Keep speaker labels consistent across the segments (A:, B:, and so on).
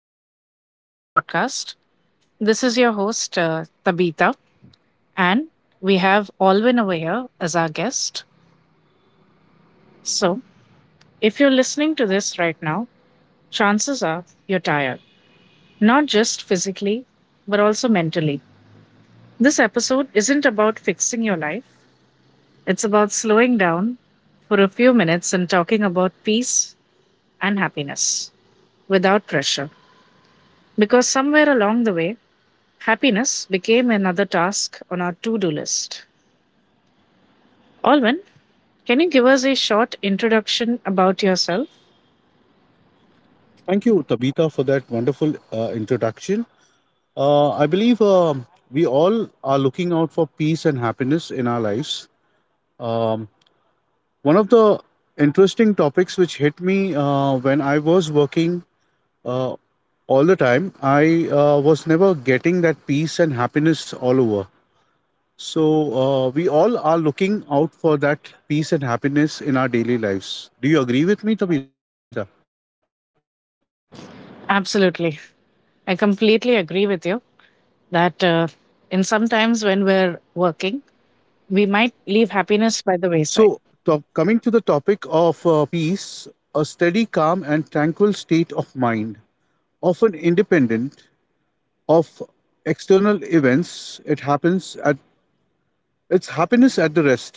A: Welcome to the podcast. This is your host, Tabitha, and we have Alwin over here as our guest. So, if you're listening to this right now, chances are you're tired, not just physically, but also mentally. This episode isn't about fixing your life, it's about slowing down for a few minutes and talking about peace and happiness without pressure. Because somewhere along the way, happiness became another task on our to do list. Alwyn, can you give us a short introduction about yourself?
B: Thank you, Tabitha, for that wonderful introduction. I believe we all are looking out for peace and happiness in our lives. Um, one of the interesting topics which hit me when I was working, uh, all the time, I was never getting that peace and happiness all over. So, we all are looking out for that peace and happiness in our daily lives. Do you agree with me, Tabitha?
A: Absolutely. I completely
B: Tabitha, can
A: agree
B: you
A: with you that in sometimes when we're working, we might leave
B: So,
A: happiness by the wayside.
B: coming to the topic of peace, a steady, calm, and tranquil state of mind, often independent of external events, it's happiness at the rest.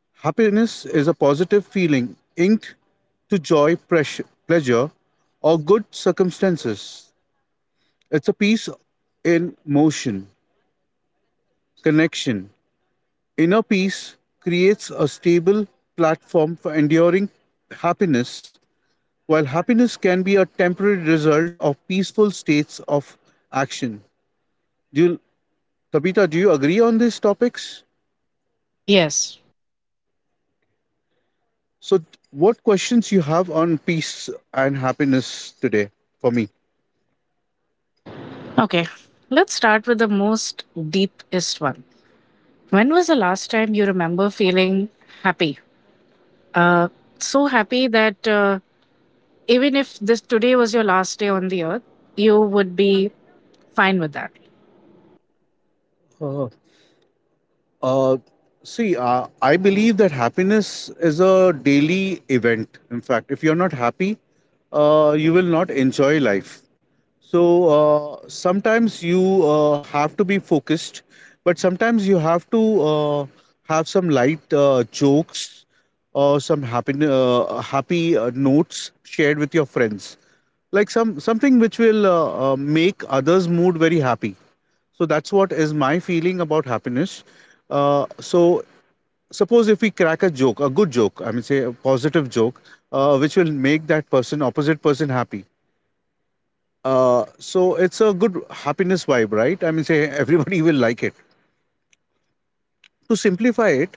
B: Happiness is a positive feeling inked to joy, pressure, pleasure, or good circumstances. It's a peace in motion, connection. Inner peace creates a stable platform for enduring happiness, while happiness can be a temporary result of peaceful states of action. Do you, Tabitha, do you agree on these topics?
A: Yes.
B: So, what questions you have on peace and happiness today for me?
A: Okay. Let's start with the most deepest one. When was the last time you remember feeling happy? So happy that even if this today was your last day on the earth, you would be fine with that.
B: Uh, I believe that happiness is a daily event. In fact, if you're not happy, you will not enjoy life. So, sometimes you have to be focused, but sometimes you have to have some light jokes or some happy notes shared with your friends. Like something which will make others' mood very happy. So that's what is my feeling about happiness. So suppose if we crack a joke, a good joke, I mean, say a positive joke, which will make opposite person, happy. So it's a good happiness vibe, right? I mean, say everybody will like it. To simplify it,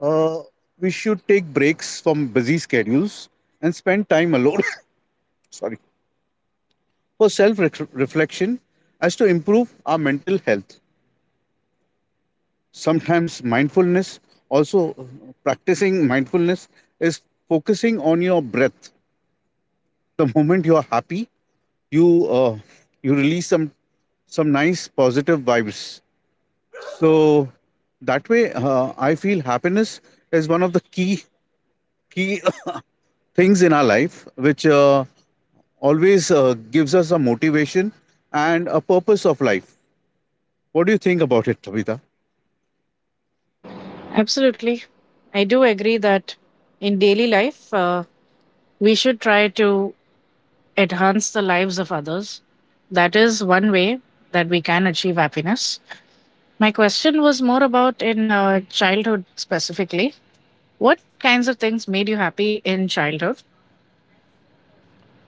B: uh, we should take breaks from busy schedules and spend time alone. Sorry. For self reflection as to improve our mental health. Sometimes mindfulness also, practicing mindfulness is focusing on your breath. The moment you are happy, you uh, you release some nice positive vibes. So that way, I feel happiness is one of the key things in our life which always gives us a motivation and a purpose of life. What do you think about it, Tabitha?
A: Absolutely. I do agree that in daily life, we should try to enhance the lives of others. That is one way that we can achieve happiness. My question was more about in childhood specifically. What kinds of things made you happy in childhood?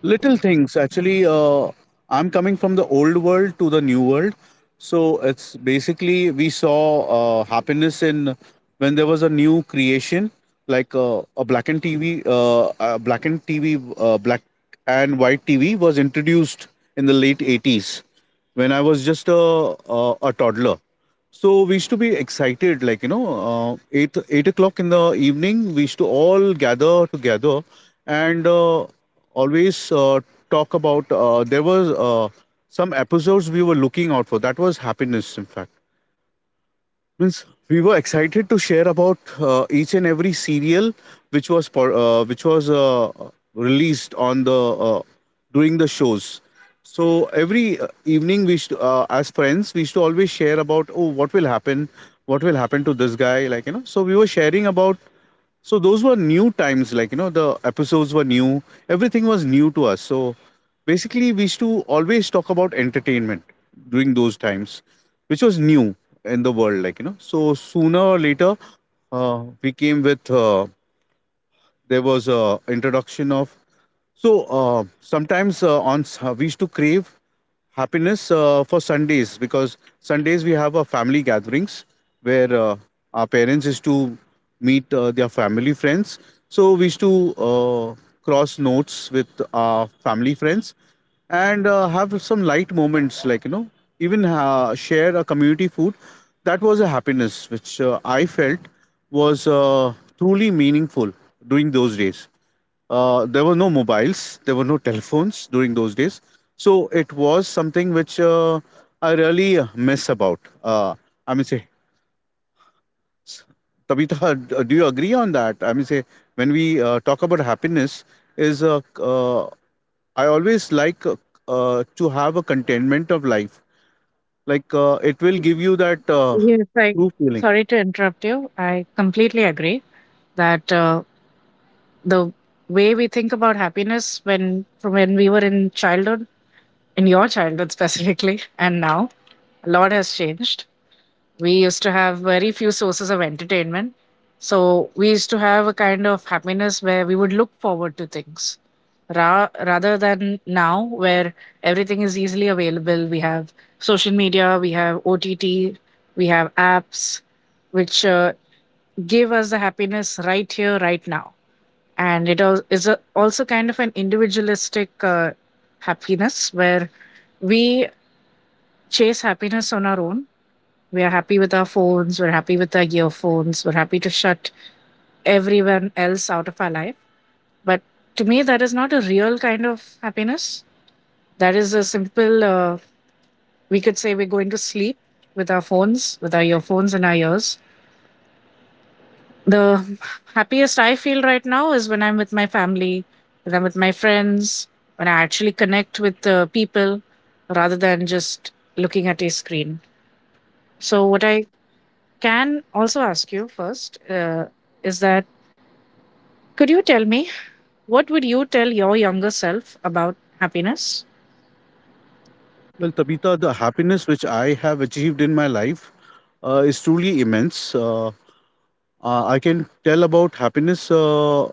B: Little things actually. I'm coming from the old world to the new world. So it's basically we saw happiness in when there was a new creation. Like a black and tv black and tv black and white tv was introduced in the late 80s when I was just a toddler. So we used to be excited, like you know, 8 8 o'clock in the evening. We used to all gather together and always talk about. There was some episodes we were looking out for. That was happiness, in fact. Means we were excited to share about each and every serial which was released on the uh, during the shows. So every evening, we used to, as friends, we used to always share about, oh, what will happen to this guy, like you know. So we were sharing about. So those were new times, like you know, the episodes were new, everything was new to us. So basically, we used to always talk about entertainment during those times, which was new in the world, like you know. So sooner or later, we came with there was a introduction of. So sometimes, we used to crave happiness for sundays because sundays we have our family gatherings where our parents used to meet their family friends. So we used to cross notes with our family friends and have some light moments, like you know. Even share a community food. That was a happiness which I felt was truly meaningful during those days. There were no mobiles, there were no telephones during those days. So it was something which I really miss about. I mean say, s- Tabitha, do you agree on that? I mean say, when we talk about happiness is I always like to have a contentment of life. Like it will give you that
A: Yes, I.
B: true feeling.
A: Sorry to interrupt you. I completely agree that the way we think about happiness when from when we were in childhood, in your childhood specifically, and now a lot has changed. We used to have very few sources of entertainment. So we used to have a kind of happiness where we would look forward to things rather than now where everything is easily available. We have social media, we have OTT, we have apps which give us the happiness right here, right now. And it also kind of an individualistic happiness where we chase happiness on our own. We are happy with our phones, we're happy with our earphones, we're happy to shut everyone else out of our life. But to me, that is not a real kind of happiness. That is a simple, we could say we're going to sleep with our phones, with our earphones in our ears. The happiest I feel right now is when I'm with my family, when I'm with my friends, when I actually connect with people rather than just looking at a screen. So, what I can also ask you first is that, could you tell me what would you tell your younger self about happiness?
B: Well, Tabitha, the happiness which I have achieved in my life is truly immense. I can tell about happiness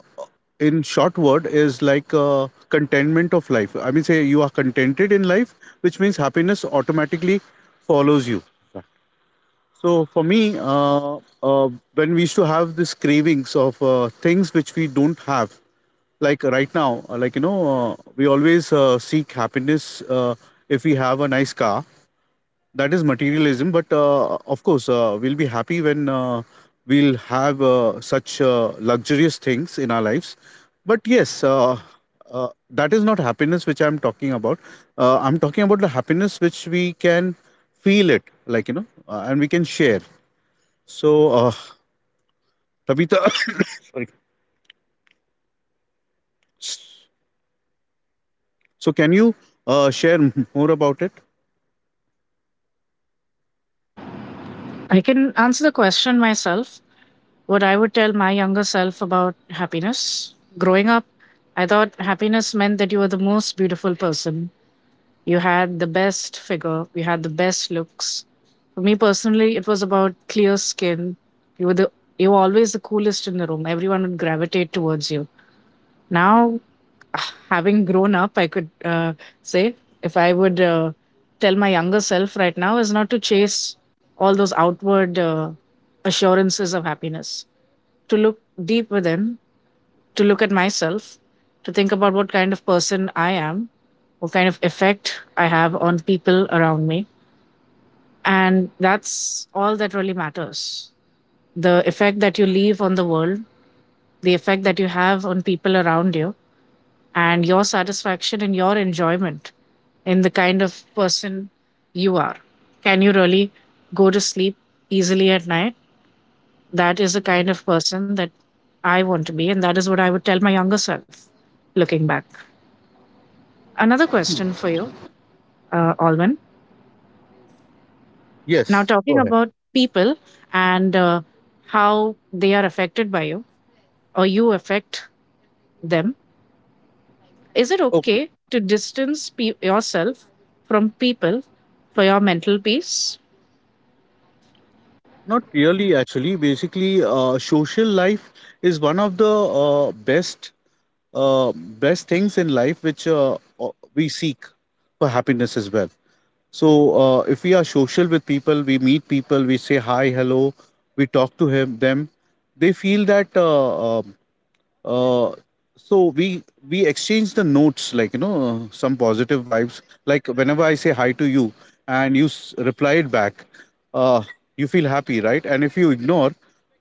B: in short word is like contentment of life. I mean, say you are contented in life, which means happiness automatically follows you. So for me, when we used to have these cravings of things which we don't have, like right now, like you know, we always seek happiness. If we have a nice car, that is materialism. But of course, we'll be happy when we'll have such luxurious things in our lives. But yes, that is not happiness which I'm talking about. I'm talking about the happiness which we can feel it, like you know, and we can share. So, Tabitha, sorry. So can you share more about it?
A: I can answer the question myself. What I would tell my younger self about happiness. Growing up, I thought happiness meant that you were the most beautiful person. You had the best figure, you had the best looks. For me personally, it was about clear skin. You were the you were always the coolest in the room. Everyone would gravitate towards you. Now having grown up, I could say if I would tell my younger self right now is not to chase all those outward assurances of happiness, to look deep within, to look at myself, to think about what kind of person I am, what kind of effect I have on people around me. And that's all that really matters. The effect that you leave on the world, the effect that you have on people around you, and your satisfaction and your enjoyment in the kind of person you are. Can you really go to sleep easily at night? That is the kind of person that I want to be, and that is what I would tell my younger self looking back. Another question for you, Alwyn. Now,
B: Yes, go
A: talking
B: ahead.
A: about people and how they are affected by you or you affect them, is it
B: Okay.
A: okay to distance yourself from people for your mental peace?
B: Not really, actually. Basically, social life is one of the uh, best uh, best things in life which we seek for happiness as well. So, if we are social with people, we meet people, we say hi, hello, we talk to him, them. They feel that uh, so we we exchange the notes, like you know, some positive vibes, like whenever I say hi to you and you reply it back, uh, you feel happy, right? And if you ignore,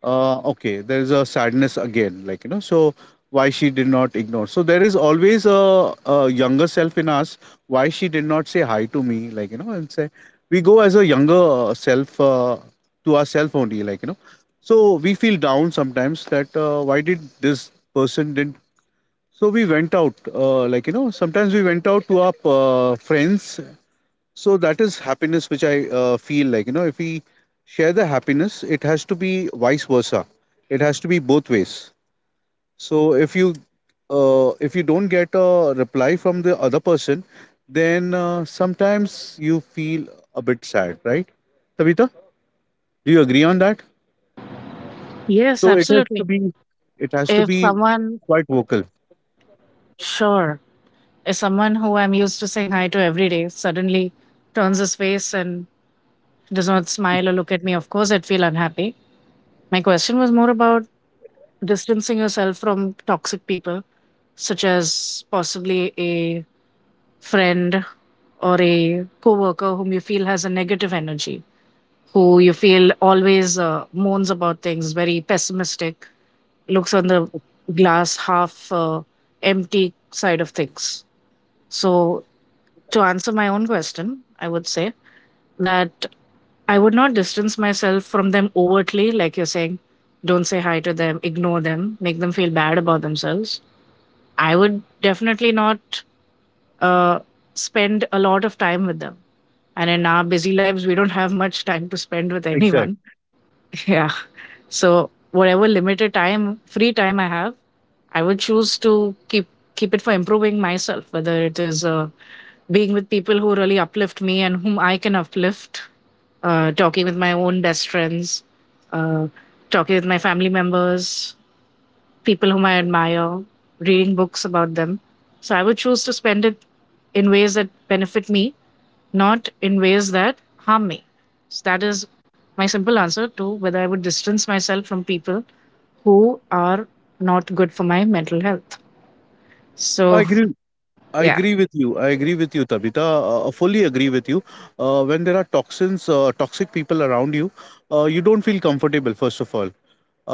B: okay, there's a sadness again, like you know. So why she did not ignore? So there is always a younger self in us. Why she did not say hi to me, like you know, and say we go as a younger self to ourself only, like you know. So we feel down sometimes that why did this person didn't. So we went out, like you know, sometimes we went out to our friends. So that is happiness, which I feel, like you know, if we share the happiness, it has to be vice versa. It has to be both ways. So if you, if you don't get a reply from the other person, then sometimes you feel a bit sad, right? Savita, do you agree on that?
A: Yes,
B: So
A: absolutely.
B: it has to
A: If
B: be
A: someone,
B: quite vocal.
A: sure, if someone who I'm used to saying hi to every day suddenly turns his face and does not smile or look at me, of course I'd feel unhappy. My question was more about distancing yourself from toxic people, such as possibly a friend or a coworker whom you feel has a negative energy, who you feel always moans about things, very pessimistic, looks on the glass half empty side of things. So, to answer my own question, I would say that I would not distance myself from them overtly, like you're saying, don't say hi to them, ignore them, make them feel bad about themselves. I would definitely not uh, spend a lot of time with them. And in our busy lives, we don't have much time to spend with anyone.
B: Exactly.
A: Yeah. So whatever limited time, free time I have, I would choose to keep it for improving myself. Whether it is being with people who really uplift me and whom I can uplift, talking with my own best friends, uh, talking with my family members, people whom I admire, reading books about them. So I would choose to spend it in ways that benefit me, not in ways that harm me. So that is my simple answer to whether I would distance myself from people who are not good for my mental health.
B: I
A: So,
B: agree I
A: yeah,
B: agree with you. I agree with you, Tabitha. Fully agree with you. When there are toxic people around you, you don't feel comfortable, first of all.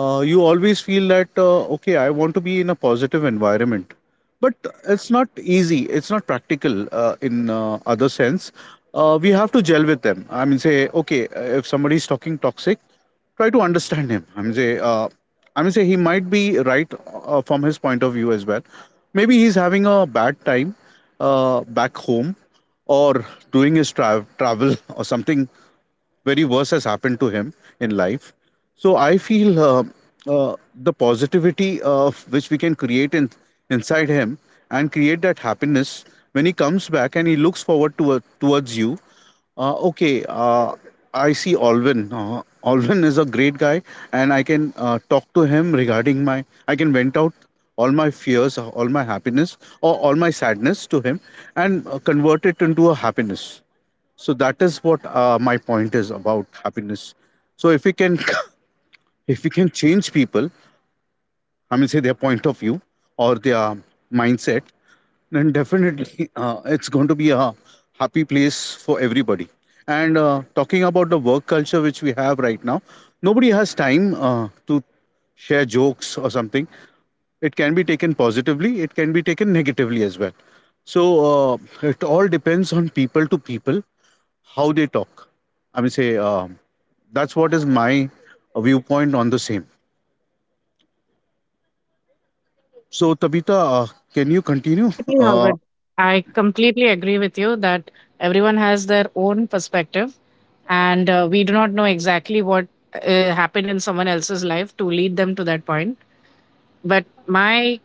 B: You always feel that, okay, I want to be in a positive environment. But it's not easy. It's not practical in other sense. We have to gel with them. I mean, say, okay, if somebody is talking toxic, try to understand him. I mean, say he might be right from his point of view as well. Maybe he's having a bad time back home or doing his travel or something very worse has happened to him in life. So I feel the positivity of which we can create inside him and create that happiness when he comes back and he looks forward to, towards you. Uh, okay, uh, I see Alvin. Alvin is a great guy, and I can talk to him regarding my. I can vent out all my fears, all my happiness, or all my sadness to him, and convert it into a happiness. So that is what my point is about happiness. So if we can if we can change people, I mean say their point of view or their mindset, then definitely it's going to be a happy place for everybody. And talking about the work culture which we have right now, nobody has time to share jokes or something. It can be taken positively, it can be taken negatively as well. So it all depends on people to people how they talk. I mean, say, that's what is my viewpoint on the same. So, Tabitha, can you continue?
A: absolutely,
B: Uh,
A: Albert. I completely agree with you that everyone has their own perspective, and we do not know exactly what happened in someone else's life to lead them to that point. But my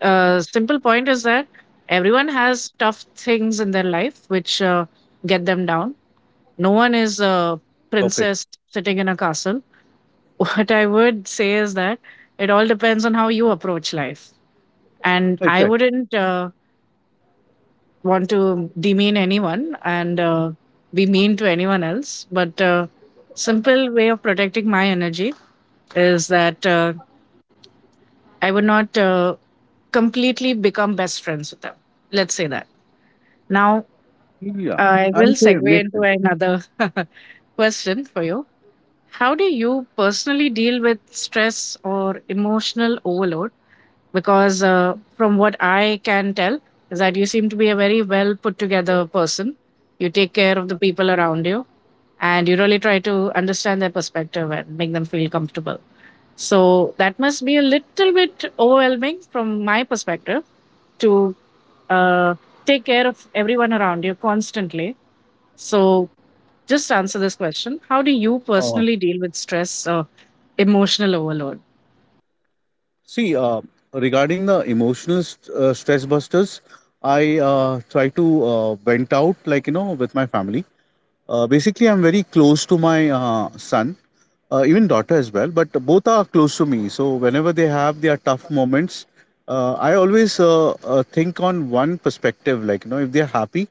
A: simple point is that everyone has tough things in their life which get them down. No one is a
B: Perfect.
A: princess sitting in a castle. What I would say is that it all depends on how you approach life. And I
B: Exactly.
A: wouldn't want to demean anyone and be mean to anyone else. But simple way of protecting my energy is that I would not completely become best friends with them. Let's say that. Now,
B: Yeah,
A: I
B: I
A: will
B: would say it
A: segue
B: makes
A: into
B: sense.
A: another question for you. How do you personally deal with stress or emotional overload? Because from what I can tell, is that you seem to be a very well put together person. You take care of the people around you and you really try to understand their perspective and make them feel comfortable. So that must be a little bit overwhelming from my perspective to uh, take care of everyone around you constantly. So, just answer this question. How do you
B: Uh,
A: personally deal with stress or emotional overload?
B: see, uh, Regarding the emotional stress busters, I try to vent out, like you know, with my family. Basically, I'm very close to my son, even daughter as well, but both are close to me, so whenever they have their tough moments, I always think on one perspective, like you know, if they're happy,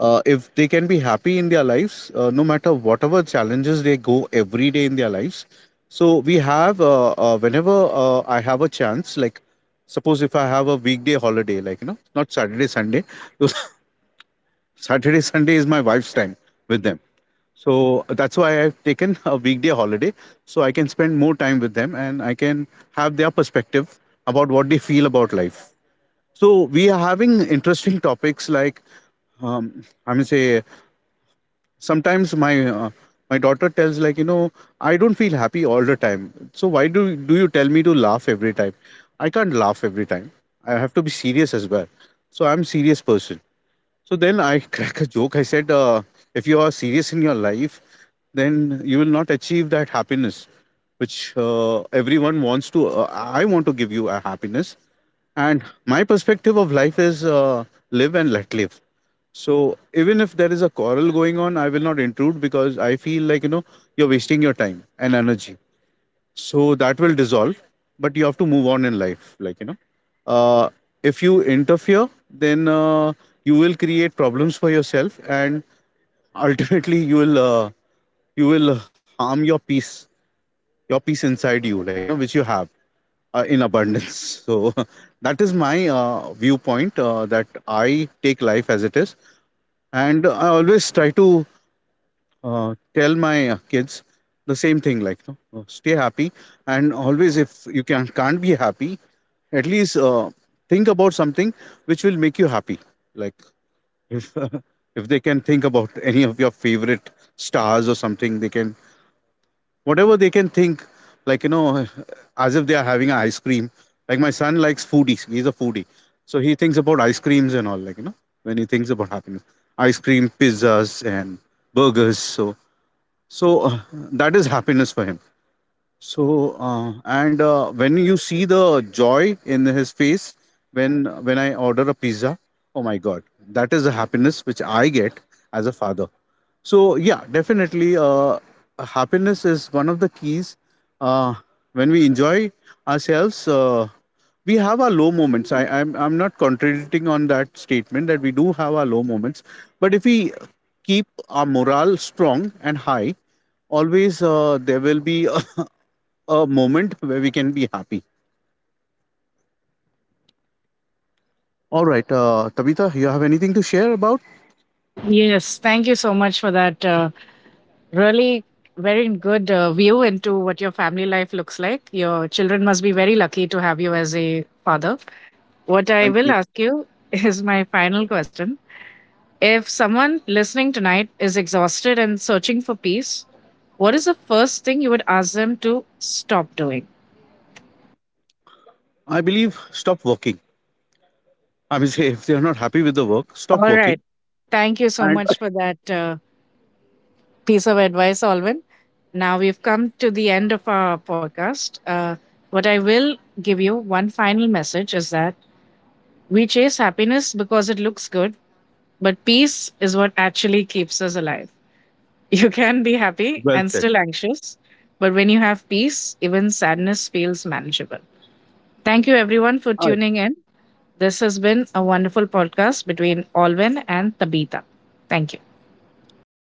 B: if they can be happy in their lives, no matter whatever challenges they go every day in their lives. So we have whenever I have a chance, like suppose if I have a weekday holiday, like you know, not saturday sunday saturday sunday is my wife's time with them, so that's why I've taken a weekday holiday, so I can spend more time with them and I can have their perspective about what they feel about life. So we are having interesting topics like I mean, say sometimes my my daughter tells, like you know, I don't feel happy all the time. So why do you tell me to laugh every time? I can't laugh every time. I have to be serious as well. So I'm serious person, so then I crack a joke. I said, if you are serious in your life, then you will not achieve that happiness, which everyone wants to. I want to give you a happiness. And my perspective of life is live and let live. So even if there is a quarrel going on, I will not intrude, because I feel like, you know, you're wasting your time and energy, so that will dissolve, but you have to move on in life, like you know. uh, if you interfere, then you will create problems for yourself, and ultimately you will you will harm your peace, your peace inside you, like you know, which you have in abundance. So that is my viewpoint, that I take life as it is, and I always try to tell my kids the same thing, like you know, stay happy, and always, if you can't be happy, at least think about something which will make you happy, like if if they can think about any of your favorite stars or something, they can, whatever they can think, like you know, as if they are having an ice cream. Like my son likes foodies, he's a foodie, so he thinks about ice creams and all, like you know, when he thinks about happiness, ice cream, pizzas and burgers. So so uh, that is happiness for him. So and when you see the joy in his face when I order a pizza, oh my god, that is the happiness which I get as a father. So yeah, definitely, happiness is one of the keys. Uh, when we enjoy ourselves, we have our low moments. I'm not contradicting on that statement that we do have our low moments, but if we keep our morale strong and high, always there will be a, a moment where we can be happy. All right, Tabitha, you have anything to share about?
A: Yes, thank you so much for that. Really, very good view into what your family life looks like. Your children must be very lucky to have you as a father. What I
B: Thank
A: will
B: you.
A: ask you is my final question. If someone listening tonight is exhausted and searching for peace, what is the first thing you would ask them to stop doing?
B: I believe stop working. I mean, say if they are not happy with the work, stop
A: All right.
B: working.
A: Thank you so
B: And
A: much for that. Piece of advice, Alwyn. Now we've come to the end of our podcast. What I will give you one final message is that we chase happiness because it looks good, but peace is what actually keeps us alive. You can be happy
B: well
A: and
B: said.
A: still anxious, but when you have peace, even sadness feels manageable. Thank you, everyone, for
B: All right.
A: tuning in. This has been a wonderful podcast between Alwyn and Tabitha. Thank you.
B: Thank you,